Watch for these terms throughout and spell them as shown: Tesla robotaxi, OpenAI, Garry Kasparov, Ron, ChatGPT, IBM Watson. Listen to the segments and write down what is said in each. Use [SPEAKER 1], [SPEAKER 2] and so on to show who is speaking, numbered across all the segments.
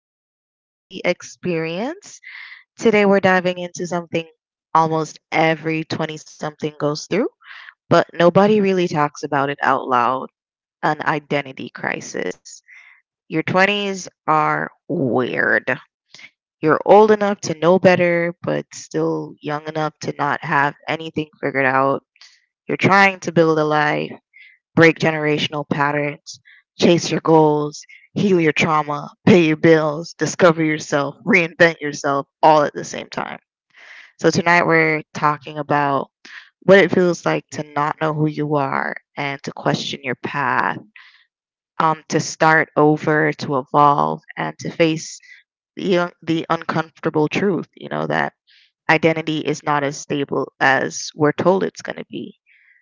[SPEAKER 1] to the Gen Z experience. Today we're diving into something almost every 20 something goes through, but nobody really talks about it out loud an identity crisis. Your 20s are weird. You're old enough to know better, but still young enough to not have anything figured out. You're trying to build a life, break generational patterns, chase your goals, heal your trauma, pay your bills, discover yourself, reinvent yourself all at the same time. So tonight we're talking about what it feels like to not know who you are and to question your path, to start over, to evolve, and to face the uncomfortable truth, you know, that identity is not as stable as we're told it's going to be.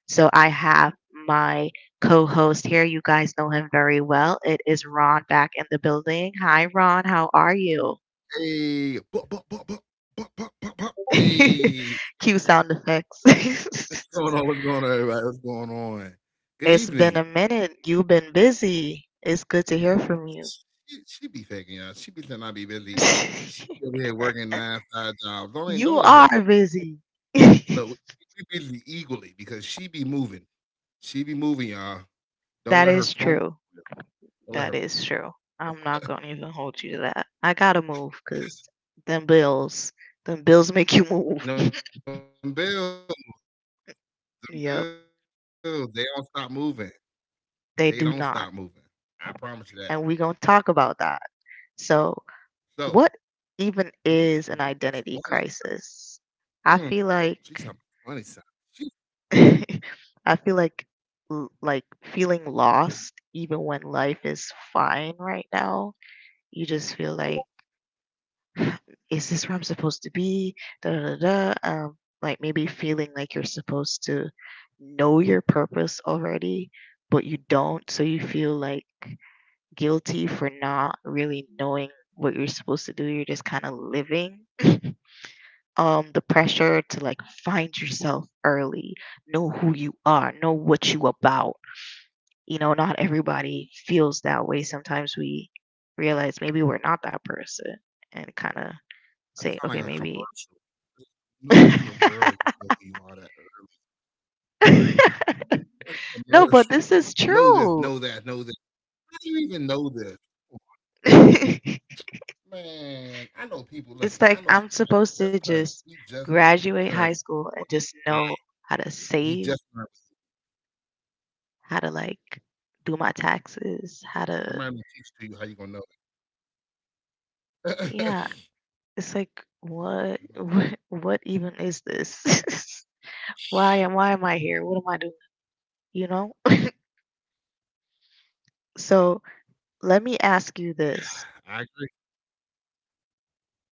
[SPEAKER 1] So I have my co host here. You guys know him very well. It is Ron back in the building. Hi, Ron. How are you?
[SPEAKER 2] Hey, pop, pop, pop, pop, pop, pop, pop. Bup. Hey,
[SPEAKER 1] Cue sound effects.
[SPEAKER 2] what's going on? What's going on, everybody? What's going on? Good
[SPEAKER 1] It's been
[SPEAKER 2] evening.
[SPEAKER 1] a minute. You've been busy. It's good to hear from you.
[SPEAKER 2] She be faking y'all. She be saying I be busy. She be over here working 9-5 jobs. Don't let-
[SPEAKER 1] You
[SPEAKER 2] don't let her
[SPEAKER 1] are busy.
[SPEAKER 2] look. We busy equally because she be moving. She be moving, y'all. Don't
[SPEAKER 1] That
[SPEAKER 2] let her.
[SPEAKER 1] is
[SPEAKER 2] Don't
[SPEAKER 1] true.
[SPEAKER 2] don't let
[SPEAKER 1] That
[SPEAKER 2] her fool
[SPEAKER 1] is true.
[SPEAKER 2] y'all.
[SPEAKER 1] I'm not gonna even hold you to that. I gotta move because them bills, them bills make you
[SPEAKER 2] Them
[SPEAKER 1] move.
[SPEAKER 2] bills, them bills. They don't stop moving.
[SPEAKER 1] Yep,
[SPEAKER 2] They don't stop moving. I promise you that.
[SPEAKER 1] they do not. And we gonna
[SPEAKER 2] So
[SPEAKER 1] talk about that.
[SPEAKER 2] you
[SPEAKER 1] So,
[SPEAKER 2] talking about the
[SPEAKER 1] what
[SPEAKER 2] twenty?
[SPEAKER 1] even is an
[SPEAKER 2] Mm.
[SPEAKER 1] identity
[SPEAKER 2] She's a
[SPEAKER 1] crisis?
[SPEAKER 2] funny sound.
[SPEAKER 1] I
[SPEAKER 2] She
[SPEAKER 1] feel like, I feel like, like feeling lost even when life is fine right now. You just feel like is this where I'm supposed to be? Like maybe feeling like you're supposed to know your purpose already, but you don't. So you feel like guilty for not really knowing what you're supposed to do. You're just kind of living. The pressure to like find yourself early, know who you are, know what you about. You know, not everybody feels that way. Sometimes we realize maybe we're not that person and kind
[SPEAKER 2] That
[SPEAKER 1] of
[SPEAKER 2] sound like a
[SPEAKER 1] say,
[SPEAKER 2] commercial.
[SPEAKER 1] okay,
[SPEAKER 2] There's
[SPEAKER 1] maybe
[SPEAKER 2] no way in the world you know who you are that early. Like a commercial.
[SPEAKER 1] no,
[SPEAKER 2] Know
[SPEAKER 1] but this
[SPEAKER 2] this, know
[SPEAKER 1] is
[SPEAKER 2] that, know this.
[SPEAKER 1] true.
[SPEAKER 2] How do you even know this?
[SPEAKER 1] It's
[SPEAKER 2] Man, I know people. Listen, I know she
[SPEAKER 1] like
[SPEAKER 2] just
[SPEAKER 1] I'm
[SPEAKER 2] turned.
[SPEAKER 1] supposed
[SPEAKER 2] He
[SPEAKER 1] to
[SPEAKER 2] just
[SPEAKER 1] just
[SPEAKER 2] turned
[SPEAKER 1] graduate high
[SPEAKER 2] twenty
[SPEAKER 1] school
[SPEAKER 2] nine.
[SPEAKER 1] and just know
[SPEAKER 2] He
[SPEAKER 1] how to
[SPEAKER 2] just turned.
[SPEAKER 1] save, how to like do my taxes,
[SPEAKER 2] Somebody do
[SPEAKER 1] how
[SPEAKER 2] teach
[SPEAKER 1] to
[SPEAKER 2] to you, how you gonna know it? She
[SPEAKER 1] yeah. It's like
[SPEAKER 2] said, "Do my
[SPEAKER 1] what what even is this? why am I here? What am I doing? You know? So let me ask you this.
[SPEAKER 2] time." I agree.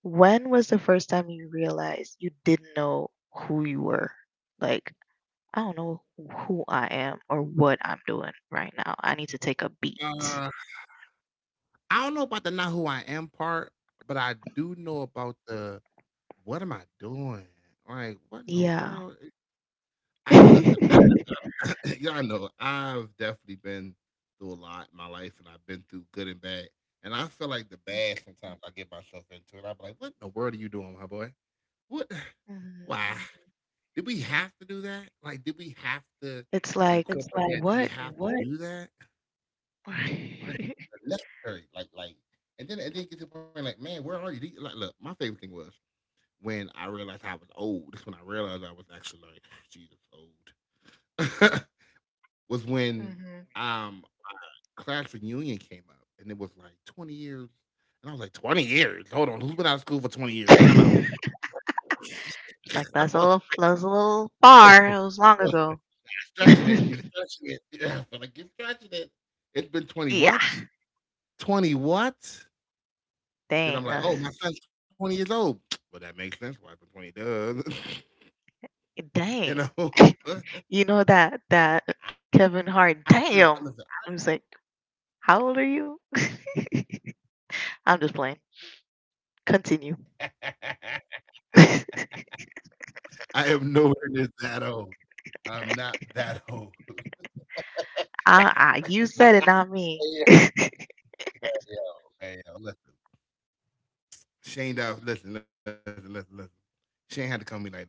[SPEAKER 1] When was the first time you realized you didn't know who you were? Like I don't know who I am or what I'm doing right now. I need to take a
[SPEAKER 2] Uh,
[SPEAKER 1] beat.
[SPEAKER 2] I don't know about the "not who I am" part, but I do know about the what am I doing? Like, what in the world?
[SPEAKER 1] Yeah.
[SPEAKER 2] Listen, I, y'all know I've definitely been through a lot in my life, and I've been through good and bad. And I feel like the bad sometimes I get myself into, and I'm like, "What in the world are you doing, my boy? What? Why,
[SPEAKER 1] Mhm.
[SPEAKER 2] mhm, did we have to do that? Like, did we have to. It's
[SPEAKER 1] It's
[SPEAKER 2] incorporate
[SPEAKER 1] like
[SPEAKER 2] like that? Did we
[SPEAKER 1] what?
[SPEAKER 2] have to what? Do that? Like, necessary? Like, and then get to the point, like, man, where are you? Like, look, my favorite thing was when I realized I was old. That's when I realized I was actually like, Jesus, old. Was when
[SPEAKER 1] Mhm.
[SPEAKER 2] um class reunion came up and it was like 20 years. And I was like, 20 years? Hold on. Who's been out of school for 20 years? Time out.
[SPEAKER 1] It's like
[SPEAKER 2] I
[SPEAKER 1] that's a
[SPEAKER 2] was-
[SPEAKER 1] little that's a little far. It was long
[SPEAKER 2] You're
[SPEAKER 1] ago.
[SPEAKER 2] stretching it. You're stretching it. Yeah, I feel like you're stretching it. It's been 20
[SPEAKER 1] Yeah.
[SPEAKER 2] what? 20 what? Then I'm
[SPEAKER 1] Dang,
[SPEAKER 2] like, oh,
[SPEAKER 1] that's
[SPEAKER 2] my son's 20 years old. Well, that makes sense. Why it's been 20. It does. You know?
[SPEAKER 1] dang.
[SPEAKER 2] I
[SPEAKER 1] You know that
[SPEAKER 2] didn't
[SPEAKER 1] that
[SPEAKER 2] know. Listen.
[SPEAKER 1] Kevin Hart, damn. I was like, how old
[SPEAKER 2] Hey
[SPEAKER 1] are
[SPEAKER 2] yo,
[SPEAKER 1] you?
[SPEAKER 2] okay. First of all, that was disrespectful. Watch,
[SPEAKER 1] I'm
[SPEAKER 2] watch it,
[SPEAKER 1] just playing.
[SPEAKER 2] watch it.
[SPEAKER 1] Continue. I,
[SPEAKER 2] I am nowhere near that old. I'm not that old.
[SPEAKER 1] I you said it, not me.
[SPEAKER 2] Hey, yo, hey, yo, listen. Shane Dow, listen, listen, listen, listen. Shane had to call me like that. Listen,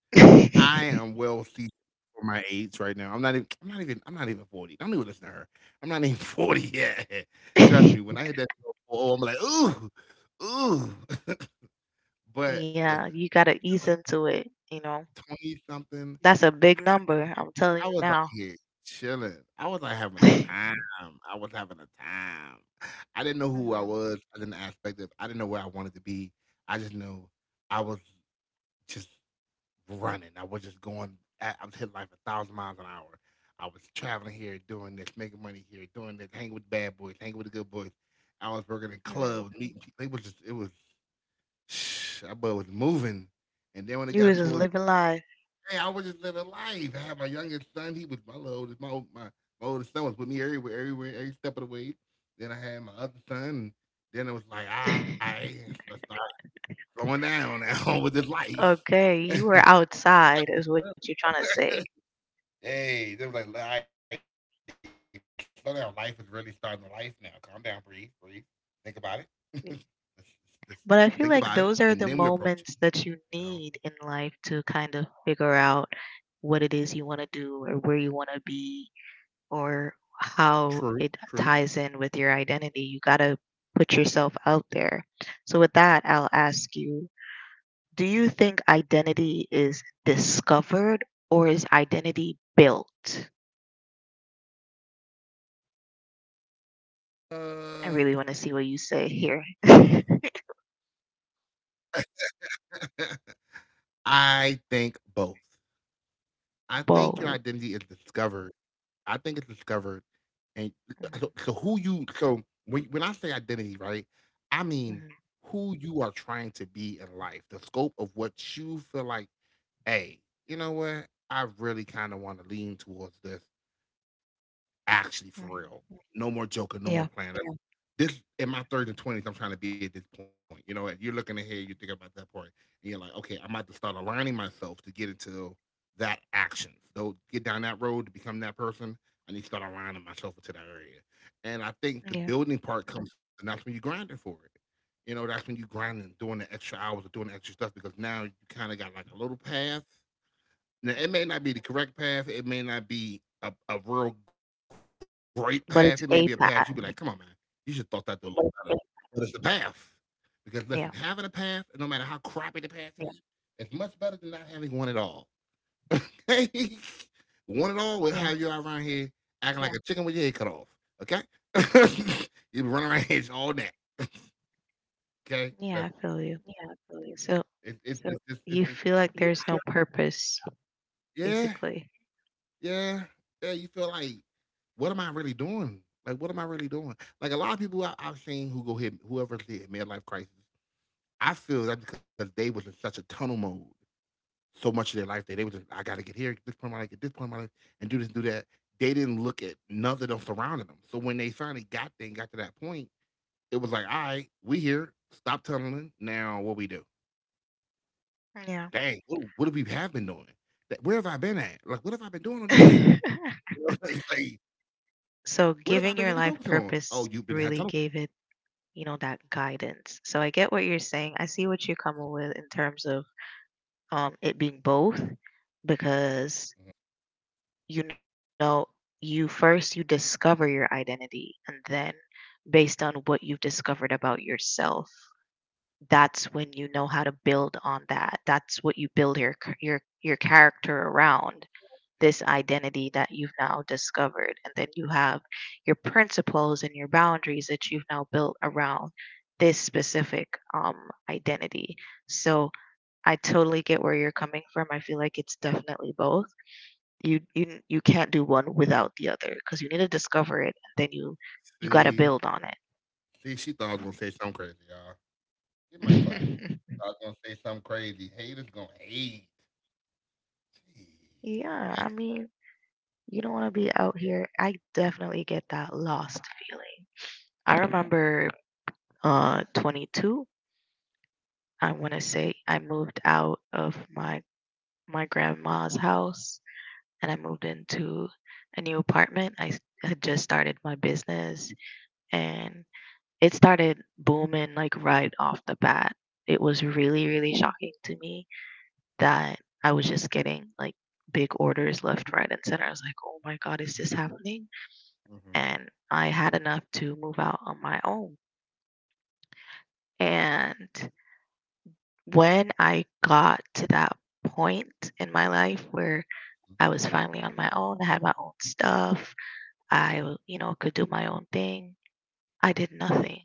[SPEAKER 2] I am well seasoned for my age right now. I'm not even, I'm not even, I'm not even 40. Don't even listen to her. I'm not even 40 yet. Trust me, when I hit that, oh, I'm like, ooh, ooh. But
[SPEAKER 1] Yeah,
[SPEAKER 2] listen.
[SPEAKER 1] you gotta ease into it, you know.
[SPEAKER 2] 20 something,
[SPEAKER 1] That's a big number, I'm telling
[SPEAKER 2] I
[SPEAKER 1] you
[SPEAKER 2] was out
[SPEAKER 1] now.
[SPEAKER 2] here chilling. I was like having a
[SPEAKER 1] Hmm.
[SPEAKER 2] time. I was having a time. I didn't know who I was. I didn't know where I wanted to be. I just knew I was just running. I was just going I was hitting like 1,000 miles an hour. I was traveling here, doing this, making money here, doing this, hanging with the bad boys, hanging with the good boys. I was working in
[SPEAKER 1] Hmm.
[SPEAKER 2] clubs, meeting people. It was just it was that boy was moving. And then when it
[SPEAKER 1] You
[SPEAKER 2] got
[SPEAKER 1] was just
[SPEAKER 2] towards
[SPEAKER 1] living life.
[SPEAKER 2] Hey, I was just living life. I had my youngest son. He was my little oldest. My oldest son was with me everywhere, everywhere, every step of the way. Then I had my other son. And then it was like, all right, let's start slowing down now with this life.
[SPEAKER 1] Okay, you were
[SPEAKER 2] Life is
[SPEAKER 1] outside, is what you're trying to say.
[SPEAKER 2] good. Hey, they were like, all right, slow down. Life is really starting to life now. Calm down, breathe, breathe. Think about it. let's, let's- let's think about it. And then
[SPEAKER 1] But
[SPEAKER 2] we
[SPEAKER 1] I feel
[SPEAKER 2] approach it,
[SPEAKER 1] like those are the
[SPEAKER 2] you know?
[SPEAKER 1] moments that you need in life to kind of figure out what it is you want to do or where you want to be or
[SPEAKER 2] True,
[SPEAKER 1] how it
[SPEAKER 2] true.
[SPEAKER 1] ties in with your identity. You got to put yourself out there. So, with that, I'll ask you do you think identity is discovered or is identity built?
[SPEAKER 2] Uh,
[SPEAKER 1] I really want to see what you
[SPEAKER 2] huh.
[SPEAKER 1] say here.
[SPEAKER 2] I think both. I think your identity is
[SPEAKER 1] Both.
[SPEAKER 2] discovered. I think it's discovered, and so, so
[SPEAKER 1] Mhm,
[SPEAKER 2] who you so when I say identity, right? I mean
[SPEAKER 1] mhm,
[SPEAKER 2] who you are trying to be in life, the scope of what you feel like. Hey, you know what? I really kind of want to lean towards this. Actually, for
[SPEAKER 1] mhm.
[SPEAKER 2] real. No more joking, no more
[SPEAKER 1] Yeah,
[SPEAKER 2] playing. Yeah. This in my third and 20s, I'm trying to be at this point. You know, and you're looking ahead, you're thinking about that part, and you're like, okay, I'm about to start aligning myself to get into that action. So get down that road to become that person. I need to start aligning myself into that area. And I think the
[SPEAKER 1] yeah.
[SPEAKER 2] building part comes, and that's when you grinding for it. You know, that's when you grinding, doing the extra hours or doing the extra stuff because now you kind of got like a little path, now it may not
[SPEAKER 1] Mhm.
[SPEAKER 2] be the correct path. It may not be a real great path. It may be a path you'd be
[SPEAKER 1] But
[SPEAKER 2] like,
[SPEAKER 1] it's
[SPEAKER 2] come on, man,
[SPEAKER 1] a path.
[SPEAKER 2] you should have thought that through a little better. But it's the path. Because listen, having a path,
[SPEAKER 1] Yeah,
[SPEAKER 2] no matter how crappy the path is, it's much better than not having one at all. Okay? One at all will have you out
[SPEAKER 1] yeah,
[SPEAKER 2] around here acting like a chicken with your head cut off. Okay? You will be running around here all that. Okay?
[SPEAKER 1] yeah,
[SPEAKER 2] Listen.
[SPEAKER 1] I feel you.
[SPEAKER 2] Yeah, I feel.
[SPEAKER 1] So
[SPEAKER 2] It's. So it's just it's
[SPEAKER 1] you
[SPEAKER 2] just
[SPEAKER 1] feel like
[SPEAKER 2] you.
[SPEAKER 1] there's no purpose,
[SPEAKER 2] Yeah.
[SPEAKER 1] basically.
[SPEAKER 2] Yeah, yeah. You feel like, what am I really doing? Like, what am I really doing? Like a lot of people I've seen who go hit whoever hit midlife crisis. I feel that because they was in such a tunnel mode so much of their life that they was just, I gotta get here, this point in my life, get this point in my life, and do this, do that. They didn't look at nothing else surrounding them. So when they finally got there and got to that point, it was like, all right, we here, stop tunneling. Now what we do?
[SPEAKER 1] Yeah.
[SPEAKER 2] Dang, what have we have been doing? Where have I been at? Like, what have I been doing all these years? Like, what have I been really
[SPEAKER 1] So
[SPEAKER 2] focusing on?
[SPEAKER 1] giving your
[SPEAKER 2] Oh, you've
[SPEAKER 1] life
[SPEAKER 2] been had tunnel,
[SPEAKER 1] purpose really gave it, you know, that guidance. So I get what you're saying. I see what you're coming with in terms of it being both because
[SPEAKER 2] mhm,
[SPEAKER 1] you know you first you discover your identity and then based on what you've discovered about yourself that's when you know how to build on that that's what you build your your character around
[SPEAKER 2] yep.
[SPEAKER 1] this identity that you've now discovered and then you have your principles and your boundaries that you've now built around this specific um identity so I totally get where you're coming from. I feel like it's definitely both. You can't do one without the other because you need to discover it, and then you got to
[SPEAKER 2] See?
[SPEAKER 1] build on
[SPEAKER 2] See, she thought I was gonna say something crazy, y'all. Give my clap.
[SPEAKER 1] it.
[SPEAKER 2] I was gonna say something crazy. Haters gonna hate. Jeez.
[SPEAKER 1] Yeah, I
[SPEAKER 2] Thanks.
[SPEAKER 1] mean, you don't want to be out here. I definitely get that lost feeling. I remember 22, I want to say I moved out of my grandma's house and I moved into a new apartment. Had just started my business and it started booming like right off the bat. It was really, really shocking to me that I was just getting like big orders left, right, and center. I was like, oh my God, is this happening?
[SPEAKER 2] Mm-hmm.
[SPEAKER 1] And I had enough to move out on my own. And when I got to that point in my life where I was finally on my own, I had my own stuff, I, you know, could do my own thing, I did nothing.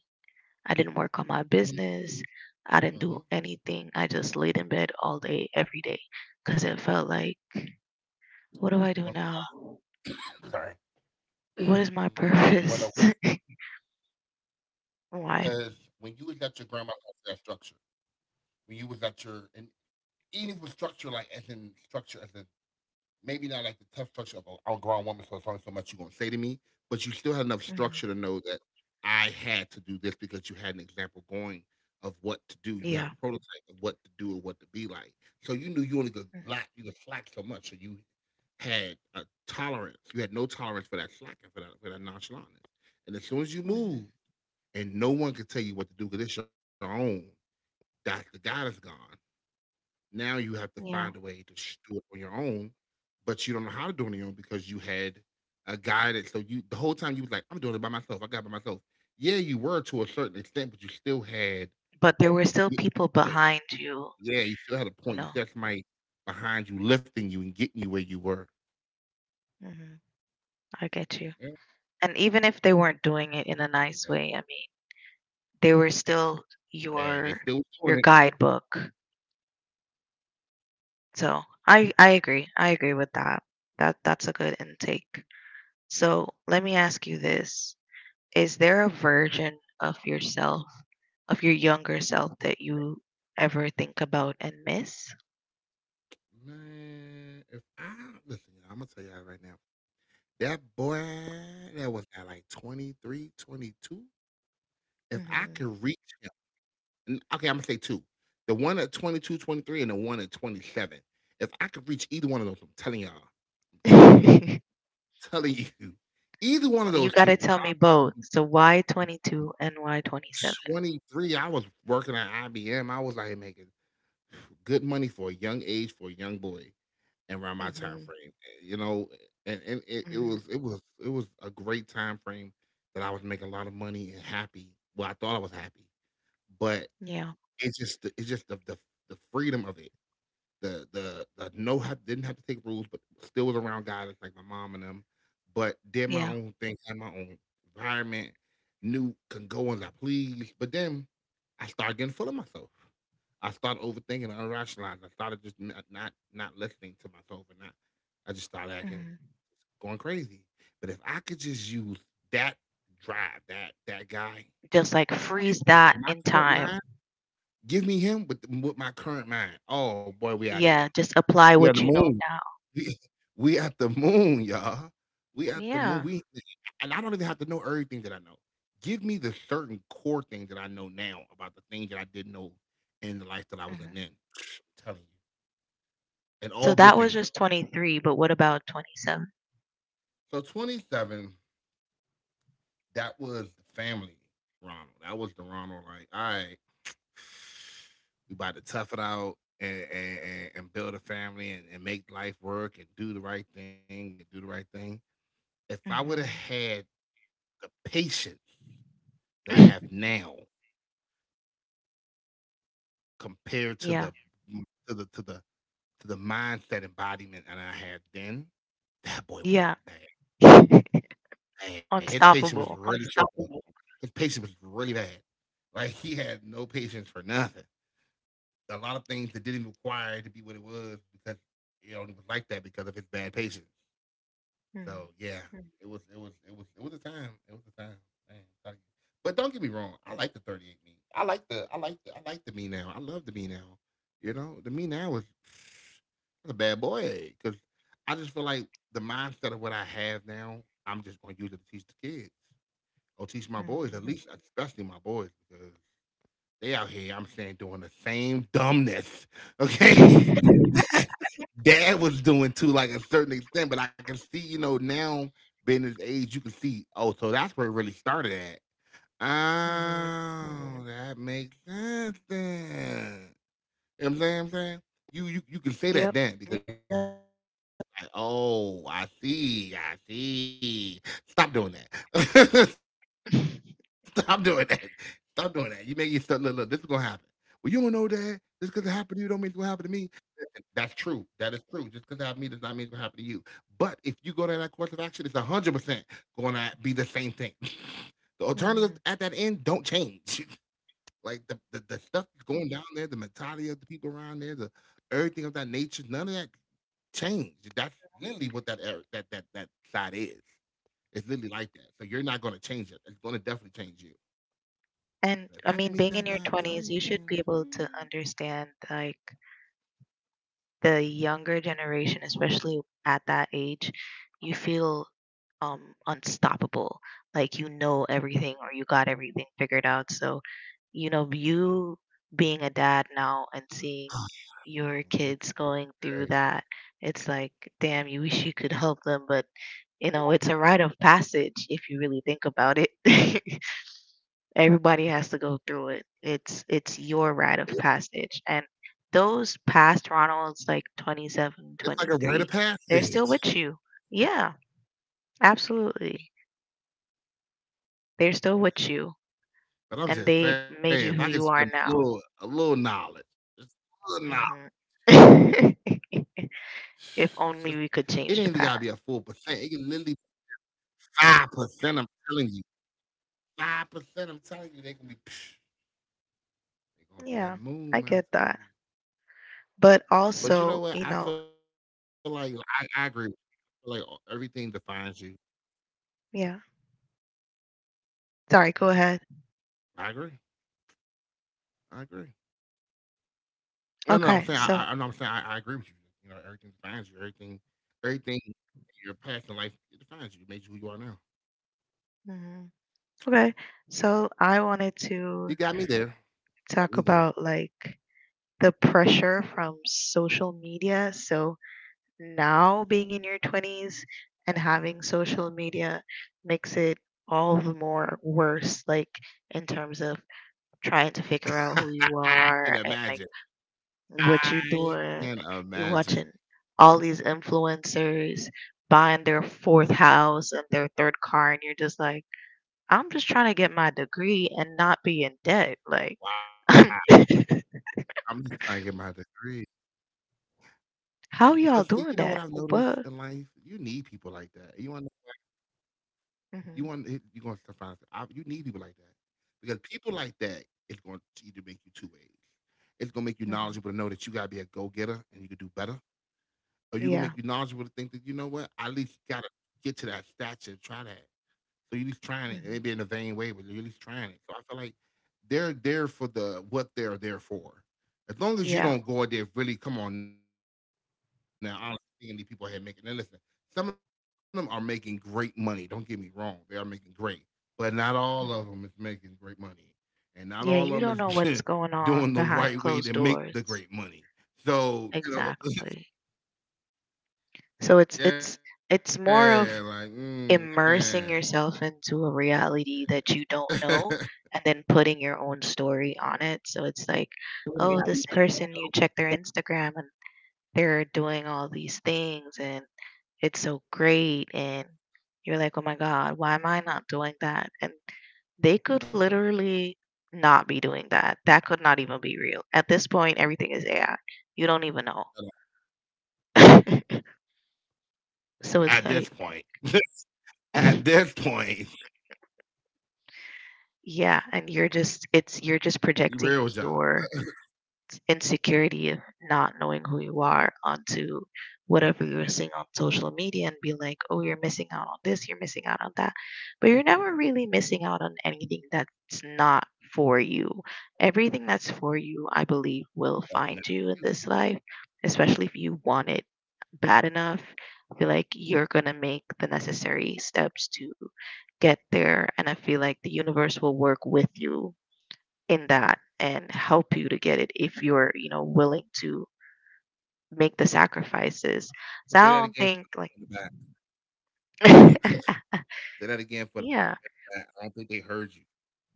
[SPEAKER 1] I didn't work on my business. I didn't
[SPEAKER 2] Mm-hmm.
[SPEAKER 1] do anything. I just laid in bed all day, every day, because it felt like, what do I do now?
[SPEAKER 2] Sorry.
[SPEAKER 1] What
[SPEAKER 2] You
[SPEAKER 1] is my
[SPEAKER 2] wanna know why?
[SPEAKER 1] purpose?
[SPEAKER 2] Because
[SPEAKER 1] Why?
[SPEAKER 2] when you was at your grandma's house, that structure. When you was at your and eating was structure, like as in structure, as in maybe not like the tough structure of a grown woman, so it's only so much you're gonna say to me, but you still had enough
[SPEAKER 1] Hmm.
[SPEAKER 2] structure to know that I had to do this because you had an example going of what to do. You had
[SPEAKER 1] Yeah.
[SPEAKER 2] a prototype of what to do and what to be like. So you knew you only could
[SPEAKER 1] Mm-hmm.
[SPEAKER 2] slack. You could slack so much. So you had a tolerance. You had no tolerance for that slacking, for that nonchalantness. And as soon as you
[SPEAKER 1] Mm-hmm.
[SPEAKER 2] move and no one can tell you what to do because it's your own, that's the God is gone. Now you have to find a
[SPEAKER 1] Yeah.
[SPEAKER 2] way to do it on your own, but you don't know how to do it on your own because you had a guy that, so you the whole time you was like, I'm doing it by myself. I got it by myself. Yeah, you were to a certain extent, but you still had
[SPEAKER 1] But there were
[SPEAKER 2] a
[SPEAKER 1] still
[SPEAKER 2] mi-
[SPEAKER 1] people
[SPEAKER 2] point.
[SPEAKER 1] behind you,
[SPEAKER 2] Yeah, you still had a
[SPEAKER 1] you
[SPEAKER 2] point. You
[SPEAKER 1] know.
[SPEAKER 2] still had somebody behind you lifting you and getting you where you were.
[SPEAKER 1] Hmm. I get you.
[SPEAKER 2] Yeah.
[SPEAKER 1] And even if they weren't
[SPEAKER 2] Hey,
[SPEAKER 1] doing it in a nice way, I mean, they were still
[SPEAKER 2] hey, they still
[SPEAKER 1] your
[SPEAKER 2] doing it.
[SPEAKER 1] your guidebook. So I agree. I agree with that. That's a good intake. So let me ask you this. Is there a version of yourself, of your younger self, that you ever think about and miss?
[SPEAKER 2] Man, if I listen, I'm gonna tell y'all right now. That boy that was at like 23, 22. If I
[SPEAKER 1] Mhm.
[SPEAKER 2] could reach him. Okay, I'm gonna say two. The one at 22, 23, and the one at 27. If I could reach either one of those, I'm telling y'all, I'm telling y'all, I'm telling you, either one of
[SPEAKER 1] You
[SPEAKER 2] those
[SPEAKER 1] got to
[SPEAKER 2] two.
[SPEAKER 1] tell me both. So why 22 and why 27?
[SPEAKER 2] 23, I was working at IBM. I was like making good money for a young age for a young boy and around my time
[SPEAKER 1] Mhm.
[SPEAKER 2] frame. You know, and it, it
[SPEAKER 1] Mhm.
[SPEAKER 2] was it was it was a great time frame that I was making a lot of money and happy. Well, I thought I was happy, but
[SPEAKER 1] Yeah,
[SPEAKER 2] it's just the freedom of it. The no have didn't have to take rules, but still was around guys like my mom and them. But did my
[SPEAKER 1] yeah.
[SPEAKER 2] own thing, had my own environment, knew can go as I please. But then I started getting full of myself. I started overthinking and unrationalizing. I started just not listening to myself and not. I just started acting
[SPEAKER 1] Mhm.
[SPEAKER 2] going crazy. But if I could just use that drive, that guy,
[SPEAKER 1] Just like freeze
[SPEAKER 2] with
[SPEAKER 1] that
[SPEAKER 2] my
[SPEAKER 1] in
[SPEAKER 2] current
[SPEAKER 1] time.
[SPEAKER 2] mind, give me him with my current mind. Oh boy, we out of here.
[SPEAKER 1] Yeah, just
[SPEAKER 2] We
[SPEAKER 1] apply
[SPEAKER 2] at the
[SPEAKER 1] what you
[SPEAKER 2] moon.
[SPEAKER 1] know now.
[SPEAKER 2] We at the moon, y'all. We at the moon.
[SPEAKER 1] Yeah.
[SPEAKER 2] We and I don't even have to know everything that I know. Give me the certain core thing that I know now about the thing that I didn't know in the life that I was in
[SPEAKER 1] Mhm.
[SPEAKER 2] then. I'm telling you. And
[SPEAKER 1] So
[SPEAKER 2] all good
[SPEAKER 1] that was
[SPEAKER 2] things,
[SPEAKER 1] just 23, but what about 27?
[SPEAKER 2] y'all. So 27, that was the family, Ronald. That was the Ronald, like, all right, we about to tough it out and build a family and make life work and do the right thing and do the right thing. If I would have
[SPEAKER 1] Hmm.
[SPEAKER 2] had the patience that I have now compared to
[SPEAKER 1] Yeah.
[SPEAKER 2] the to the to the to the mindset embodiment that I had then, that boy would have
[SPEAKER 1] Yeah.
[SPEAKER 2] been bad. Man, his patience was
[SPEAKER 1] Unstoppable.
[SPEAKER 2] really trouble. His patience was really bad. Like he had no patience for nothing. A lot of things that didn't require it to be what it was because it only was like that because of his bad patience.
[SPEAKER 1] Mm-hmm.
[SPEAKER 2] So yeah, it was it was a time. It was a time. Man, I'm telling you. But don't get me wrong, I like the 38 me. I like the I like the I like the me now. I love the me now. You know, the me now is that's a bad boy because I just feel like the mindset of what I have now, I'm just gonna use it to teach the kids or teach my boys, at least especially my boys, because they out here, I'm saying doing the same dumbness. Okay. Dad was doing to like a certain extent, but I can see, you know, now being his age, you can see, oh, so that's where it really started at.
[SPEAKER 1] Hmm.
[SPEAKER 2] Oh, that makes sense then. You know what I'm saying? You can say
[SPEAKER 1] Yep.
[SPEAKER 2] that then because, yeah, you're like, oh, I see, I see. Stop doing that. Stop doing that. Stop doing that. You make yourself look, look, this is gonna happen. Well, you don't know that. Just because it happened to you don't mean it's gonna happen to me. And that's true. That is true. Just because I have me does not mean it's gonna happen to you. But if you go to that course of action, it's 100% gonna be the same thing. The alternatives at
[SPEAKER 1] Hmm.
[SPEAKER 2] that end don't change. Like the stuff that's going down there, the mentality of the people around there, the everything of that nature, none of that changed. That's literally what that era, that side is. It's literally like that. So you're not gonna change it. It's gonna definitely change you.
[SPEAKER 1] And I mean,
[SPEAKER 2] If
[SPEAKER 1] being
[SPEAKER 2] I
[SPEAKER 1] in your
[SPEAKER 2] can meet that
[SPEAKER 1] 20s,
[SPEAKER 2] guy,
[SPEAKER 1] you
[SPEAKER 2] I'm
[SPEAKER 1] should
[SPEAKER 2] telling
[SPEAKER 1] be
[SPEAKER 2] you,
[SPEAKER 1] able
[SPEAKER 2] man.
[SPEAKER 1] to
[SPEAKER 2] I'm
[SPEAKER 1] understand like the younger generation, especially at that age, you feel um, unstoppable. Like you know everything or you got everything figured out. So, you know, you being a dad
[SPEAKER 2] telling
[SPEAKER 1] now and
[SPEAKER 2] you.
[SPEAKER 1] seeing
[SPEAKER 2] Man, they
[SPEAKER 1] your kids
[SPEAKER 2] think
[SPEAKER 1] going through that, it's like, damn, you wish you could help them, but you know, it's a rite of passage if you really think about it. Everybody has to go through it. It's your rite of passage.
[SPEAKER 2] everything.
[SPEAKER 1] And those past Ronalds like 20
[SPEAKER 2] It's like a
[SPEAKER 1] they're
[SPEAKER 2] rite
[SPEAKER 1] still
[SPEAKER 2] of
[SPEAKER 1] with you.
[SPEAKER 2] passage.
[SPEAKER 1] Yeah, absolutely. They're still with you and they made you who
[SPEAKER 2] But I'm
[SPEAKER 1] you are
[SPEAKER 2] just saying,
[SPEAKER 1] now.
[SPEAKER 2] if I could just get a little knowledge, just
[SPEAKER 1] Hmm.
[SPEAKER 2] a little knowledge,
[SPEAKER 1] If
[SPEAKER 2] just
[SPEAKER 1] only we could
[SPEAKER 2] it ain't
[SPEAKER 1] change
[SPEAKER 2] even
[SPEAKER 1] the
[SPEAKER 2] gotta be a
[SPEAKER 1] past.
[SPEAKER 2] full percent. It can literally 5%. I'm telling you, 5%. I'm telling you, they gonna be, psh, they gonna be
[SPEAKER 1] Yeah,
[SPEAKER 2] on the
[SPEAKER 1] I
[SPEAKER 2] moon, man. I'm
[SPEAKER 1] get that.
[SPEAKER 2] telling you.
[SPEAKER 1] But
[SPEAKER 2] But you know
[SPEAKER 1] also,
[SPEAKER 2] what?
[SPEAKER 1] you
[SPEAKER 2] I
[SPEAKER 1] know,
[SPEAKER 2] feel like I agree. I feel like everything defines you.
[SPEAKER 1] yeah. Sorry, go ahead.
[SPEAKER 2] I agree. I agree. No, no, no, I'm saying I, no,
[SPEAKER 1] Okay,
[SPEAKER 2] I'm saying
[SPEAKER 1] so,
[SPEAKER 2] I agree with you. You know, everything defines you. Everything, everything in your past and life it defines you. It made you who you are now.
[SPEAKER 1] mhm. Okay. So I wanted
[SPEAKER 2] You
[SPEAKER 1] to
[SPEAKER 2] got me there. Got me
[SPEAKER 1] talk
[SPEAKER 2] there.
[SPEAKER 1] about like the pressure from social media. So now being in your 20s and having social media makes it all the more worse, like in terms of trying to figure out who you
[SPEAKER 2] I can
[SPEAKER 1] are and like
[SPEAKER 2] imagine.
[SPEAKER 1] what you're
[SPEAKER 2] I
[SPEAKER 1] doing.
[SPEAKER 2] can
[SPEAKER 1] You're watching
[SPEAKER 2] imagine.
[SPEAKER 1] all these influencers buying their fourth house and their third car, and you're just like, I'm just trying to get my degree and not be in debt. Like,
[SPEAKER 2] Wow. I'm just trying to get my degree. But see, you know
[SPEAKER 1] how
[SPEAKER 2] what I've
[SPEAKER 1] y'all doing
[SPEAKER 2] noticed
[SPEAKER 1] that?
[SPEAKER 2] in life?
[SPEAKER 1] What?
[SPEAKER 2] You need people like that. You
[SPEAKER 1] Mm-hmm.
[SPEAKER 2] going to find I, you need people like that because people like that is going to either make you two ways. It's going to make you knowledgeable
[SPEAKER 1] Mm-hmm.
[SPEAKER 2] to know that you got to be a go getter and you can do better, or you going to
[SPEAKER 1] Yeah.
[SPEAKER 2] make you knowledgeable to think that you know what I at least got to get to that stature, try that. So you're at least trying it,
[SPEAKER 1] Mm-hmm.
[SPEAKER 2] maybe in a vain way, but you're at least trying it. So I feel like they're there for the what they're there for. As long as you
[SPEAKER 1] Yeah.
[SPEAKER 2] don't go out there, really come on now. I don't see any people here making. And listen, some of them are making great money. Don't get me wrong; they are making great, but not
[SPEAKER 1] Mhm.
[SPEAKER 2] all of them is making great money, and
[SPEAKER 1] Yeah,
[SPEAKER 2] not
[SPEAKER 1] you don't
[SPEAKER 2] all
[SPEAKER 1] know
[SPEAKER 2] of them
[SPEAKER 1] what's
[SPEAKER 2] is
[SPEAKER 1] going on
[SPEAKER 2] doing
[SPEAKER 1] behind
[SPEAKER 2] the
[SPEAKER 1] closed
[SPEAKER 2] right way to make
[SPEAKER 1] doors.
[SPEAKER 2] the great money. So you know,
[SPEAKER 1] Exactly. So it's
[SPEAKER 2] yeah,
[SPEAKER 1] more
[SPEAKER 2] like
[SPEAKER 1] of
[SPEAKER 2] mm, yeah,
[SPEAKER 1] immersing yourself into a reality
[SPEAKER 2] yeah.
[SPEAKER 1] that you don't know and then putting your own story on it. So it's
[SPEAKER 2] Well,
[SPEAKER 1] like,
[SPEAKER 2] yeah, you
[SPEAKER 1] oh,
[SPEAKER 2] know,
[SPEAKER 1] this person you check their Instagram and they're doing all these things and it's so great and you're like oh my god why am I not doing that and they could literally not be doing that. That could not even be real at this point, everything is AI. You don't even know. So it's like
[SPEAKER 2] at this point. At this point,
[SPEAKER 1] yeah, and you're just it's you're just projecting
[SPEAKER 2] real
[SPEAKER 1] your
[SPEAKER 2] job.
[SPEAKER 1] insecurity of not knowing who you are onto whatever you're seeing on social media and be like, oh, you're missing out on this, you're missing out on that. But you're never really missing out on anything that's not for you. Everything that's for you, I believe, will find you
[SPEAKER 2] That's
[SPEAKER 1] in this life, especially if you want it bad enough. I feel like you're going to make the necessary steps to get there. And I feel like the universe will work with you in that and help you to get it if you're, you know, willing to make the sacrifices. So I don't
[SPEAKER 2] say that
[SPEAKER 1] think
[SPEAKER 2] again
[SPEAKER 1] like
[SPEAKER 2] for the back. Say that again
[SPEAKER 1] yeah,
[SPEAKER 2] for the back. I don't think they heard you.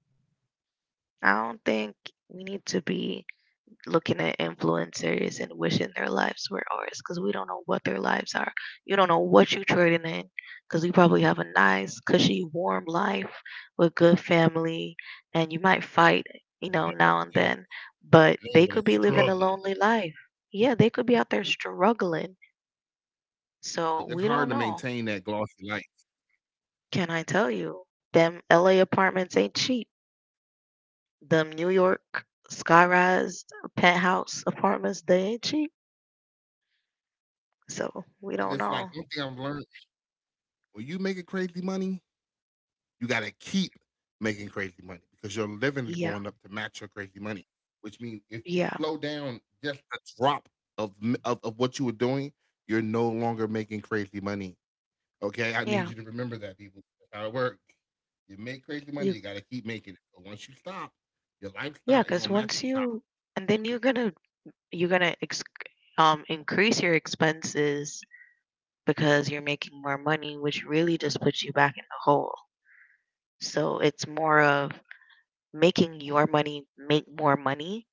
[SPEAKER 1] I don't think we need to be looking at influencers and wishing their lives were ours because we don't know what their lives are. You don't know what you're trading in because you probably have a nice, cushy, warm life with good family and you might fight, you know,
[SPEAKER 2] And
[SPEAKER 1] now
[SPEAKER 2] they're
[SPEAKER 1] and
[SPEAKER 2] over
[SPEAKER 1] then,
[SPEAKER 2] they're over-
[SPEAKER 1] but they could
[SPEAKER 2] they're
[SPEAKER 1] be
[SPEAKER 2] over there
[SPEAKER 1] living a lonely
[SPEAKER 2] struggling.
[SPEAKER 1] life. Yeah, they could be out there struggling. So we
[SPEAKER 2] Like, it's
[SPEAKER 1] don't
[SPEAKER 2] hard to
[SPEAKER 1] know.
[SPEAKER 2] maintain that glossy life.
[SPEAKER 1] Can I tell you? Them LA apartments ain't cheap. Them New York sky rise penthouse apartments, they ain't cheap. So we don't
[SPEAKER 2] And it's
[SPEAKER 1] know.
[SPEAKER 2] like one thing I've learned, when you making crazy money, you gotta keep making crazy money because your living is
[SPEAKER 1] Yeah,
[SPEAKER 2] going up to match your crazy money. Which means if you
[SPEAKER 1] yeah,
[SPEAKER 2] slow down just a drop of what you were doing, you're no longer making crazy money. Okay, I need
[SPEAKER 1] yeah.
[SPEAKER 2] you to remember that, people. That's how it works. You make crazy money,
[SPEAKER 1] You
[SPEAKER 2] you gotta keep making it. But once you stop, your
[SPEAKER 1] yeah,
[SPEAKER 2] lifestyle ain't
[SPEAKER 1] because
[SPEAKER 2] gonna match
[SPEAKER 1] once
[SPEAKER 2] you stop.
[SPEAKER 1] you and then you're gonna ex- increase your expenses because you're making more money, which really just puts you back in the hole. So it's more of making your money make more money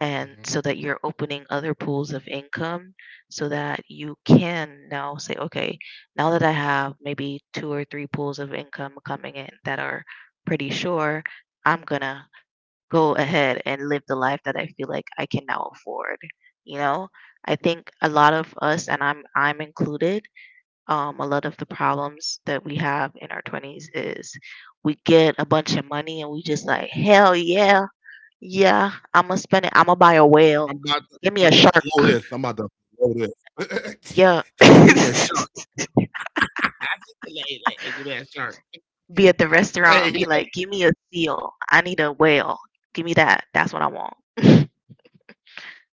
[SPEAKER 1] and so
[SPEAKER 2] Mhm.
[SPEAKER 1] that you're opening other pools of income so that you can now say, okay, now that I have maybe two or three pools of income coming in that are pretty sure, I'm gonna go ahead and live the life that I feel like I can now afford, you know. I think a lot of us, and I'm included, a lot of the problems that we have in our 20s is we get a bunch of money and we just like, hell yeah. Yeah, I'ma spend it. I'ma buy a
[SPEAKER 2] I'm
[SPEAKER 1] whale.
[SPEAKER 2] about to, I'm
[SPEAKER 1] Give
[SPEAKER 2] about to
[SPEAKER 1] me a
[SPEAKER 2] blow this.
[SPEAKER 1] shark.
[SPEAKER 2] I'm about to blow this.
[SPEAKER 1] Yeah.
[SPEAKER 2] She said, "Give me a shot." Hey, hey, hey, give me that shirt.
[SPEAKER 1] Be at the restaurant
[SPEAKER 2] Hey,
[SPEAKER 1] and be like, give me a seal. I need a whale. Give me that. That's what I want.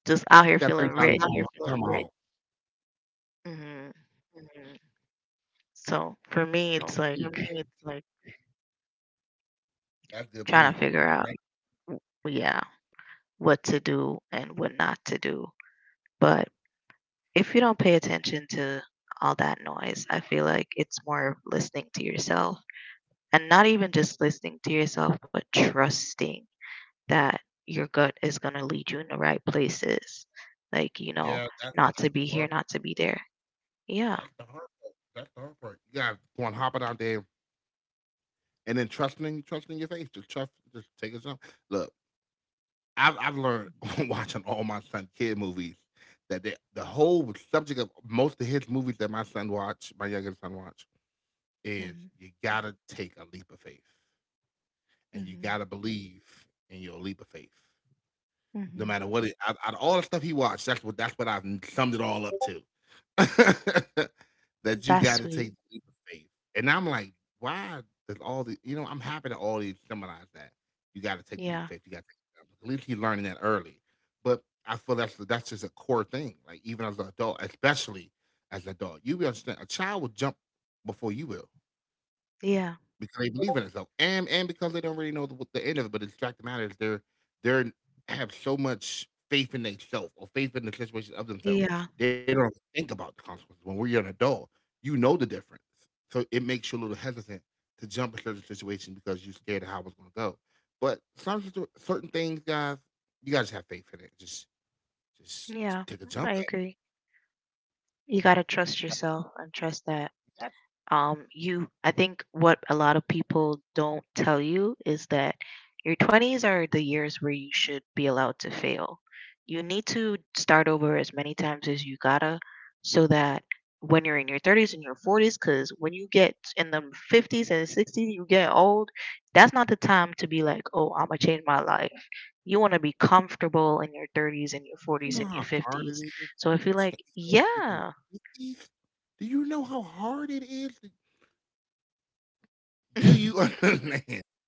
[SPEAKER 1] Just out here
[SPEAKER 2] that three
[SPEAKER 1] feeling
[SPEAKER 2] dollars.
[SPEAKER 1] rich.
[SPEAKER 2] That's how come, right?
[SPEAKER 1] Hmm.
[SPEAKER 2] On, like, mhm.
[SPEAKER 1] So for me, it's
[SPEAKER 2] So
[SPEAKER 1] like
[SPEAKER 2] yeah, for me, it's like that's good
[SPEAKER 1] trying
[SPEAKER 2] money.
[SPEAKER 1] to figure out,
[SPEAKER 2] That-
[SPEAKER 1] well, yeah, what to do and what not to do. But if you don't pay attention to all that noise, I feel like it's more of listening to yourself, and not even just listening to yourself, but trusting that your gut is going to lead you in the right places. Like, you know,
[SPEAKER 2] yeah, that's
[SPEAKER 1] not to
[SPEAKER 2] that's
[SPEAKER 1] be
[SPEAKER 2] the
[SPEAKER 1] here,
[SPEAKER 2] hard.
[SPEAKER 1] not to be there. Yeah.
[SPEAKER 2] That's the hard part. That's the hard part. You gotta go on hopping out there, and then trusting your face. Just trust. Just take a jump. Look, I've learned watching all my son kid movies that the whole subject of most of his movies that my youngest son watch, is
[SPEAKER 1] Mhm.
[SPEAKER 2] you gotta take a leap of faith and you
[SPEAKER 1] Mhm.
[SPEAKER 2] gotta believe in your leap of faith. No
[SPEAKER 1] Mhm.
[SPEAKER 2] matter what it out of all the stuff he watched, that's what I've summed it all up to. That you
[SPEAKER 1] That's
[SPEAKER 2] gotta take
[SPEAKER 1] sweet.
[SPEAKER 2] the leap of faith, and I'm like, "Why does all the," you know, I'm happy that all these summarize that. You gotta take the leap of
[SPEAKER 1] Yeah.
[SPEAKER 2] faith, you gotta take the jump. At least he's learning that early, but I feel that's just a core thing, like, even as an adult, especially as an adult. You will understand a child will jump before you will.
[SPEAKER 1] Yeah.
[SPEAKER 2] Because they believe in themselves, and because they don't really know the end of it. But it's fact of the matter is they're have so much faith in themselves or faith in the situation of themselves.
[SPEAKER 1] Yeah.
[SPEAKER 2] They don't think about the consequences. When we're an adult, you know the difference, so it makes you a little hesitant to jump in certain situations because you're scared of how it's going to go. But certain things, guys, you gotta just have faith in it. Just
[SPEAKER 1] Yeah.
[SPEAKER 2] take a jump.
[SPEAKER 1] I
[SPEAKER 2] At
[SPEAKER 1] agree. You got to trust yourself and trust that, you I think what a lot of people don't tell you is that your 20s are the years where you should be allowed to fail. You need to start over as many times as you gotta, so that when you're in your 30s and your 40s, because when you get in the 50s and 60s you get old, that's not the time to be like, oh, I'm gonna change my life. You want to be comfortable in your 30s and your
[SPEAKER 2] you
[SPEAKER 1] 40s
[SPEAKER 2] know
[SPEAKER 1] and
[SPEAKER 2] how
[SPEAKER 1] your
[SPEAKER 2] hard it
[SPEAKER 1] 50s.
[SPEAKER 2] is
[SPEAKER 1] So I
[SPEAKER 2] to
[SPEAKER 1] feel
[SPEAKER 2] change
[SPEAKER 1] like,
[SPEAKER 2] your life in the
[SPEAKER 1] yeah.
[SPEAKER 2] 50s? Do you know how hard it is? Do you understand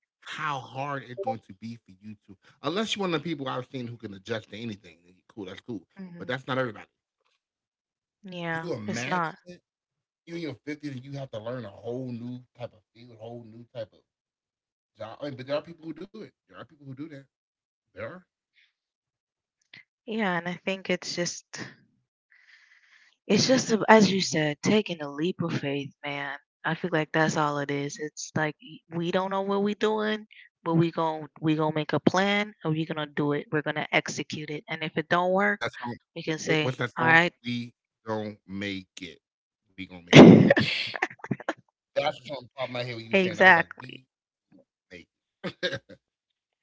[SPEAKER 2] how hard it's going to be for you to, unless you're one of the people I've seen who can adjust to anything, then you- cool, that's cool.
[SPEAKER 1] Hmm.
[SPEAKER 2] But that's not everybody.
[SPEAKER 1] Yeah,
[SPEAKER 2] Can you
[SPEAKER 1] it's
[SPEAKER 2] imagine
[SPEAKER 1] not.
[SPEAKER 2] it? You're in your 50s and you have to learn a whole new type of field, whole new type of job. I mean, but there are people who do it. There are people who do that. There are.
[SPEAKER 1] Yeah, and I think it's just, as you said, taking a leap of faith, man. I feel like that's all it is. It's like, we don't know what we're doing, but we gonna make a plan and we're gonna do it. We're gonna execute it, and if it don't work,
[SPEAKER 2] That's
[SPEAKER 1] we can
[SPEAKER 2] how,
[SPEAKER 1] say,
[SPEAKER 2] what's that
[SPEAKER 1] all
[SPEAKER 2] song?
[SPEAKER 1] right.
[SPEAKER 2] We gonna make it. We gonna make it. That's what's on the top of my head when you were saying. I was like, we
[SPEAKER 1] Exactly.
[SPEAKER 2] gonna make it.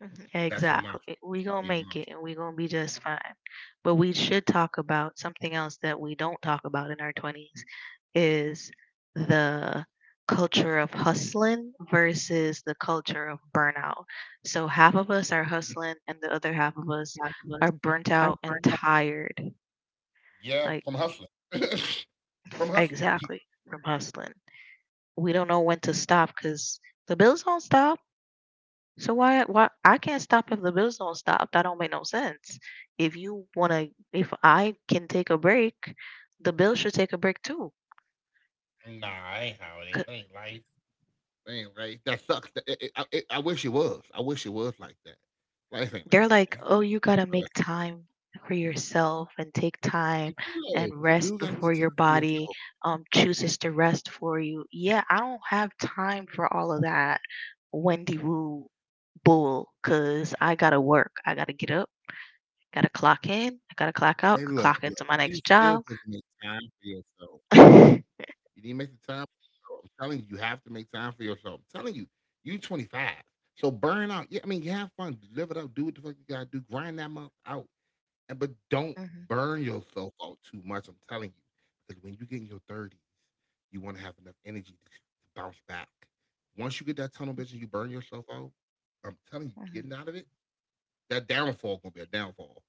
[SPEAKER 1] Mhm.
[SPEAKER 2] That's your mantra.
[SPEAKER 1] Exactly. We gonna
[SPEAKER 2] Yeah,
[SPEAKER 1] make
[SPEAKER 2] mantra.
[SPEAKER 1] it and we gonna be just fine. But we should talk about something else that we don't talk about in our twenties, is the culture of hustling versus the culture of burnout. So half of us are hustling and the other half of us
[SPEAKER 2] Fabulous.
[SPEAKER 1] are burnt
[SPEAKER 2] Our
[SPEAKER 1] out and
[SPEAKER 2] burnt out
[SPEAKER 1] tired.
[SPEAKER 2] yeah,
[SPEAKER 1] Like,
[SPEAKER 2] from hustling. From hustling.
[SPEAKER 1] exactly, from hustling. We don't know when to stop because the bills don't stop. So why, I can't stop if the bills don't stop? That don't make no sense. If you wanna, If I can take a break, the bills should take a break too.
[SPEAKER 2] Nah, I ain't
[SPEAKER 1] 'Cause
[SPEAKER 2] how it is. That ain't life. That ain't right. That sucks. That it, it, I wish it was. I wish it was like that. Life ain't
[SPEAKER 1] they're
[SPEAKER 2] like that,
[SPEAKER 1] like,
[SPEAKER 2] man.
[SPEAKER 1] oh, you gotta
[SPEAKER 2] But,
[SPEAKER 1] make
[SPEAKER 2] uh,
[SPEAKER 1] time for yourself and take time
[SPEAKER 2] You do
[SPEAKER 1] and
[SPEAKER 2] though. You
[SPEAKER 1] rest
[SPEAKER 2] do gotta
[SPEAKER 1] before
[SPEAKER 2] make
[SPEAKER 1] your
[SPEAKER 2] time for
[SPEAKER 1] body
[SPEAKER 2] yourself.
[SPEAKER 1] chooses to rest for you. Yeah, I don't have time for all of that Wendy Woo bull, 'cause I gotta work. I gotta get up, gotta clock in, I gotta
[SPEAKER 2] Hey,
[SPEAKER 1] clock
[SPEAKER 2] look,
[SPEAKER 1] out,
[SPEAKER 2] look.
[SPEAKER 1] clock
[SPEAKER 2] You
[SPEAKER 1] into my
[SPEAKER 2] still
[SPEAKER 1] next
[SPEAKER 2] supposed to
[SPEAKER 1] job.
[SPEAKER 2] make time for yourself. You need to make the time for yourself. I'm telling you, you have to make time for yourself. I'm telling you, you 25. So burn out. Yeah, I mean, you have fun, live it up, do what the fuck you gotta do, grind that month out. And but don't
[SPEAKER 1] Mhm.
[SPEAKER 2] burn yourself out too much. I'm telling you, because when you get in your 30s, you want to have enough energy to bounce back. Once you get that tunnel vision, you burn yourself out. I'm telling you,
[SPEAKER 1] Mhm.
[SPEAKER 2] getting out of it, that downfall gonna be a downfall.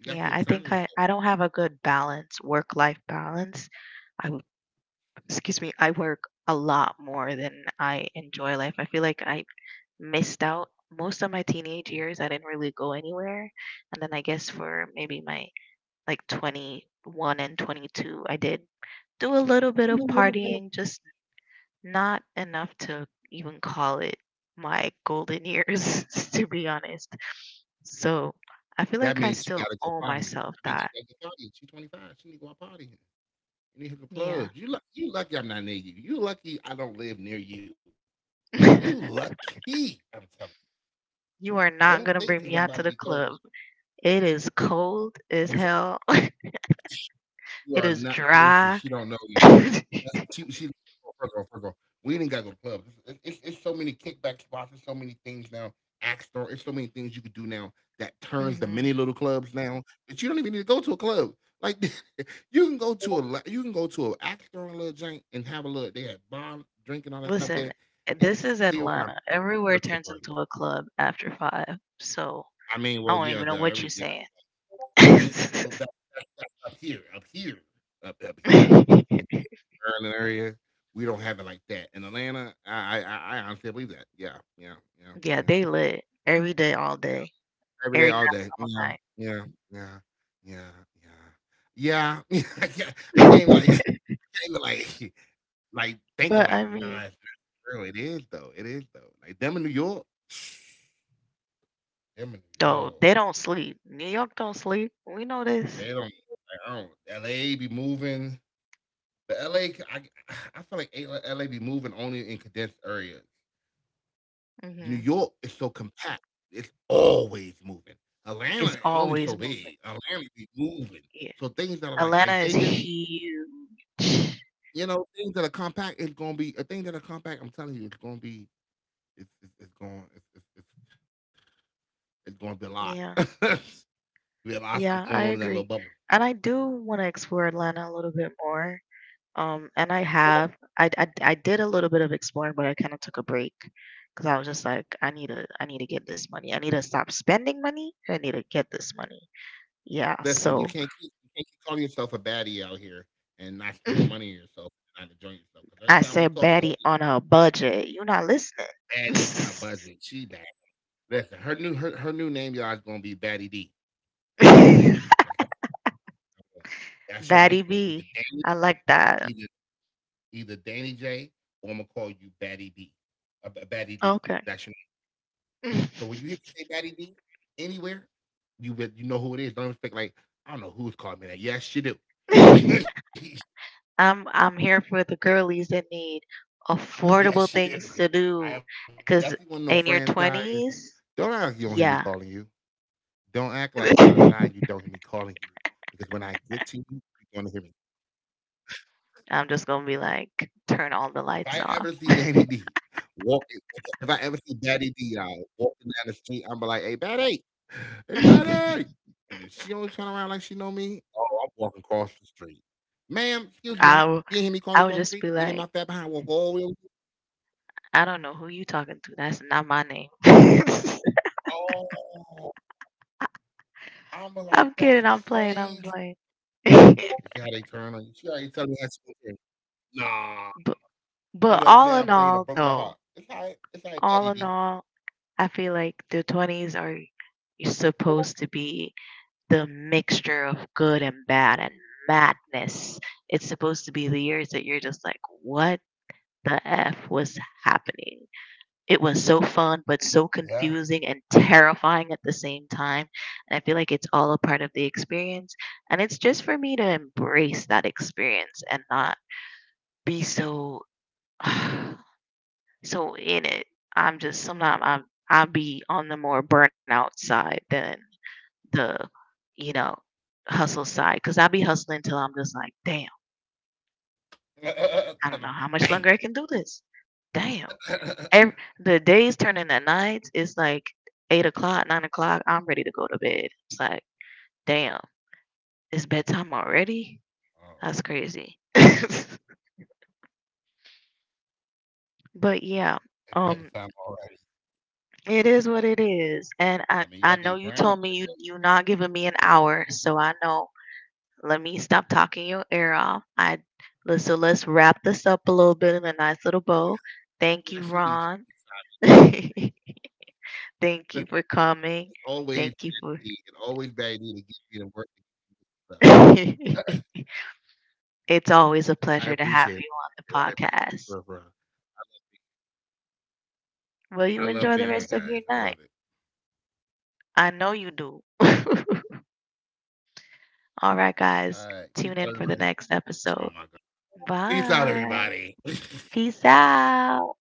[SPEAKER 2] You got
[SPEAKER 1] Yeah,
[SPEAKER 2] to have
[SPEAKER 1] I
[SPEAKER 2] time
[SPEAKER 1] think
[SPEAKER 2] to
[SPEAKER 1] I don't have a good balance, work life balance. I, w- excuse me, I work a lot more than I enjoy life. I feel like I missed out most of my teenage years. I didn't really go anywhere. And then I guess for maybe my like 21 and 22, I did do a little bit of
[SPEAKER 2] yourself.
[SPEAKER 1] partying, just not enough to even call it my golden years, to be honest. So I feel
[SPEAKER 2] That
[SPEAKER 1] like I
[SPEAKER 2] means she
[SPEAKER 1] still
[SPEAKER 2] gotta go
[SPEAKER 1] owe
[SPEAKER 2] partying.
[SPEAKER 1] myself
[SPEAKER 2] That means
[SPEAKER 1] that.
[SPEAKER 2] she gotta go partying. She's 25, she need to go out partying. You need to hit the
[SPEAKER 1] Yeah.
[SPEAKER 2] clubs. You lucky I'm not near you. You lucky I don't live near you. You lucky, I'm telling
[SPEAKER 1] You
[SPEAKER 2] you.
[SPEAKER 1] are
[SPEAKER 2] Don't
[SPEAKER 1] not
[SPEAKER 2] think because
[SPEAKER 1] gonna
[SPEAKER 2] 'cause I'm
[SPEAKER 1] bring
[SPEAKER 2] about
[SPEAKER 1] me
[SPEAKER 2] to be
[SPEAKER 1] out to the
[SPEAKER 2] 30.
[SPEAKER 1] club. It is cold
[SPEAKER 2] I'm
[SPEAKER 1] as hell.
[SPEAKER 2] You
[SPEAKER 1] It
[SPEAKER 2] are
[SPEAKER 1] is
[SPEAKER 2] not, listen,
[SPEAKER 1] dry.
[SPEAKER 2] she don't know y'all. That's she first of all, we didn't gotta go to clubs. It's so many kickback spots. There's so many things now. Axe store. It's so many things you could do now that turns the
[SPEAKER 1] Hmm.
[SPEAKER 2] mini little clubs now that you don't even need to go to a club. Like you can go to a you can go to an axe store on Little Giant and have a little. They had bar, drinking all that stuff
[SPEAKER 1] Listen,
[SPEAKER 2] there and
[SPEAKER 1] this
[SPEAKER 2] just
[SPEAKER 1] is
[SPEAKER 2] chill. And I'm
[SPEAKER 1] Atlanta.
[SPEAKER 2] a
[SPEAKER 1] Everywhere
[SPEAKER 2] virtual
[SPEAKER 1] turns
[SPEAKER 2] party.
[SPEAKER 1] into a club after five. So
[SPEAKER 2] I mean,
[SPEAKER 1] I
[SPEAKER 2] well,
[SPEAKER 1] don't even
[SPEAKER 2] yeah,
[SPEAKER 1] know
[SPEAKER 2] the
[SPEAKER 1] what you're
[SPEAKER 2] every yeah.
[SPEAKER 1] saying.
[SPEAKER 2] I mean, If, that's up here, up here. Maryland area, we don't have it like that. In Atlanta, I honestly believe that. Yeah,
[SPEAKER 1] Yeah,
[SPEAKER 2] yeah.
[SPEAKER 1] they lit every day, all day,
[SPEAKER 2] Every day,
[SPEAKER 1] every night,
[SPEAKER 2] all day.
[SPEAKER 1] all
[SPEAKER 2] Yeah, yeah, yeah, yeah, yeah. Yeah. I can't I
[SPEAKER 1] night.
[SPEAKER 2] can't even like I can't even like like think of
[SPEAKER 1] But
[SPEAKER 2] like,
[SPEAKER 1] I
[SPEAKER 2] nah, it's
[SPEAKER 1] mean,
[SPEAKER 2] not real. It is though. It is though. Like them in New York, them in New York.
[SPEAKER 1] though they don't sleep. New York don't sleep. We know this.
[SPEAKER 2] They don't like, I don't LA be moving. But LA, feel like LA be moving only in condensed areas. New
[SPEAKER 1] Hmm.
[SPEAKER 2] York is so compact. It's always moving.
[SPEAKER 1] It's
[SPEAKER 2] Atlanta only
[SPEAKER 1] always
[SPEAKER 2] so
[SPEAKER 1] moving.
[SPEAKER 2] big. Atlanta be moving.
[SPEAKER 1] Yeah.
[SPEAKER 2] So things that are like
[SPEAKER 1] Atlanta
[SPEAKER 2] like
[SPEAKER 1] is
[SPEAKER 2] Vegas,
[SPEAKER 1] huge.
[SPEAKER 2] you know, things that are compact is gonna be a thing that are compact. I'm telling you, it's gonna be it's going it's gonna be a lot.
[SPEAKER 1] Yeah.
[SPEAKER 2] We have a lot of stuff going
[SPEAKER 1] Yeah,
[SPEAKER 2] on in
[SPEAKER 1] I
[SPEAKER 2] that little
[SPEAKER 1] agree.
[SPEAKER 2] bubble.
[SPEAKER 1] And I do want to explore Atlanta a little bit more. And I have. I did a little bit of exploring, but I kind of took a break because I was just like, I need to get this money. I need to stop spending money. I need to get this money. Yeah.
[SPEAKER 2] Listen, you
[SPEAKER 1] So
[SPEAKER 2] can't keep you can't keep calling yourself a baddie out here and not spending money on yourself and not enjoying yourself. Because every
[SPEAKER 1] I
[SPEAKER 2] time we
[SPEAKER 1] said,
[SPEAKER 2] talk, you're
[SPEAKER 1] Batty on a budget. You're not listening.
[SPEAKER 2] always baddie on a budget. She bad. Listen, her new name, y'all, is gonna be Baddie D. That's her new name to me. That's, that's your
[SPEAKER 1] Batty
[SPEAKER 2] nickname. Either
[SPEAKER 1] B.
[SPEAKER 2] Danny,
[SPEAKER 1] I like that.
[SPEAKER 2] either either Danny J, or I'm gonna call you Batty D. Batty D.
[SPEAKER 1] Okay.
[SPEAKER 2] That's your name. So when you hear me say Batty D anywhere, you know who it is. Don't expect like I don't know who's called me that. Yes, you do. Yes, you do.
[SPEAKER 1] I'm here for
[SPEAKER 2] I
[SPEAKER 1] the
[SPEAKER 2] am definitely
[SPEAKER 1] girlies
[SPEAKER 2] one of them
[SPEAKER 1] that need
[SPEAKER 2] friends, guys. Don't
[SPEAKER 1] affordable
[SPEAKER 2] act like you don't hear
[SPEAKER 1] things
[SPEAKER 2] me
[SPEAKER 1] to
[SPEAKER 2] calling
[SPEAKER 1] do.
[SPEAKER 2] you.
[SPEAKER 1] Cause
[SPEAKER 2] Don't
[SPEAKER 1] in your
[SPEAKER 2] act like we outside and you
[SPEAKER 1] twenties,
[SPEAKER 2] don't hear me calling you.
[SPEAKER 1] yeah.
[SPEAKER 2] Because when I get to you, you're gonna hear me. If I ever see
[SPEAKER 1] I'm just
[SPEAKER 2] Danny
[SPEAKER 1] gonna be
[SPEAKER 2] D
[SPEAKER 1] like, turn
[SPEAKER 2] walking,
[SPEAKER 1] all the
[SPEAKER 2] If I
[SPEAKER 1] lights
[SPEAKER 2] ever
[SPEAKER 1] off.
[SPEAKER 2] see Daddy D, y'all, walking down the street, I'm be like, hey, Betty, hey, Betty. And if she don't turn around like she know me, oh, I'm walking across the street. Ma'am, excuse me, you didn't hear me call you across the street? You made my
[SPEAKER 1] I
[SPEAKER 2] fat
[SPEAKER 1] w-
[SPEAKER 2] behind walk all
[SPEAKER 1] I
[SPEAKER 2] the way
[SPEAKER 1] would
[SPEAKER 2] over
[SPEAKER 1] just
[SPEAKER 2] here?
[SPEAKER 1] be like, I don't know who you talking to. That's not my name.
[SPEAKER 2] Oh, I'm like, that's crazy.
[SPEAKER 1] I'm kidding. I'm playing. I'm
[SPEAKER 2] You
[SPEAKER 1] playing.
[SPEAKER 2] see how they turn on you? See how they tell me that's okay? Nah. I'm
[SPEAKER 1] but
[SPEAKER 2] like, now, Dana
[SPEAKER 1] but
[SPEAKER 2] broke my
[SPEAKER 1] All in
[SPEAKER 2] heart. It's
[SPEAKER 1] all,
[SPEAKER 2] all right.
[SPEAKER 1] though,
[SPEAKER 2] It's all right, Daddy D.
[SPEAKER 1] all in all, I feel like the 20s are, you're supposed to be the mixture of good and bad and madness. It's supposed to be the years that you're just like, what the F was happening? It was so fun, but so
[SPEAKER 2] Yeah.
[SPEAKER 1] confusing and terrifying at the same time. And I feel like it's all a part of the experience. And it's just for me to embrace that experience and not be so, so in it. I'm just Sometimes I'll be on the more burnout side than the, you know, hustle side, because I'll be hustling till I'm just like, damn,
[SPEAKER 2] So
[SPEAKER 1] I don't
[SPEAKER 2] I'm
[SPEAKER 1] know how
[SPEAKER 2] like,
[SPEAKER 1] much
[SPEAKER 2] damn.
[SPEAKER 1] longer I can do this. Damn.
[SPEAKER 2] Oh,
[SPEAKER 1] Every, the days turn into nights. It's like 8 o'clock, 9 o'clock. I'm ready to go to bed. It's like, damn, it's bedtime already? That's crazy.
[SPEAKER 2] at bedtime already.
[SPEAKER 1] But yeah, um,
[SPEAKER 2] I mean, you at the ground.
[SPEAKER 1] it is what it is. And I know you told me you 're not giving me an hour, so I know. Let me stop talking your ear off. So let's wrap this up a little
[SPEAKER 2] Yeah,
[SPEAKER 1] bit
[SPEAKER 2] she
[SPEAKER 1] in a
[SPEAKER 2] be, she
[SPEAKER 1] nice
[SPEAKER 2] be
[SPEAKER 1] little bow. Thank you, Ron.
[SPEAKER 2] listen,
[SPEAKER 1] Thank
[SPEAKER 2] it's always
[SPEAKER 1] you
[SPEAKER 2] bad
[SPEAKER 1] for
[SPEAKER 2] idea. It's
[SPEAKER 1] coming.
[SPEAKER 2] always bad idea to
[SPEAKER 1] Thank
[SPEAKER 2] get
[SPEAKER 1] you
[SPEAKER 2] me to
[SPEAKER 1] for.
[SPEAKER 2] work and stuff.
[SPEAKER 1] It's
[SPEAKER 2] I appreciate it.
[SPEAKER 1] always a
[SPEAKER 2] I
[SPEAKER 1] pleasure to
[SPEAKER 2] appreciate it.
[SPEAKER 1] have
[SPEAKER 2] For,
[SPEAKER 1] you on
[SPEAKER 2] for.
[SPEAKER 1] the podcast.
[SPEAKER 2] I love being here,
[SPEAKER 1] Will
[SPEAKER 2] guys.
[SPEAKER 1] you
[SPEAKER 2] I love
[SPEAKER 1] enjoy
[SPEAKER 2] it.
[SPEAKER 1] the rest of your night? I know you do.
[SPEAKER 2] All right. Peace out, everybody. Oh, my God.
[SPEAKER 1] All right, guys.
[SPEAKER 2] Peace out,
[SPEAKER 1] Tune in for the
[SPEAKER 2] everybody. Bye.
[SPEAKER 1] next episode. Bye. Peace out.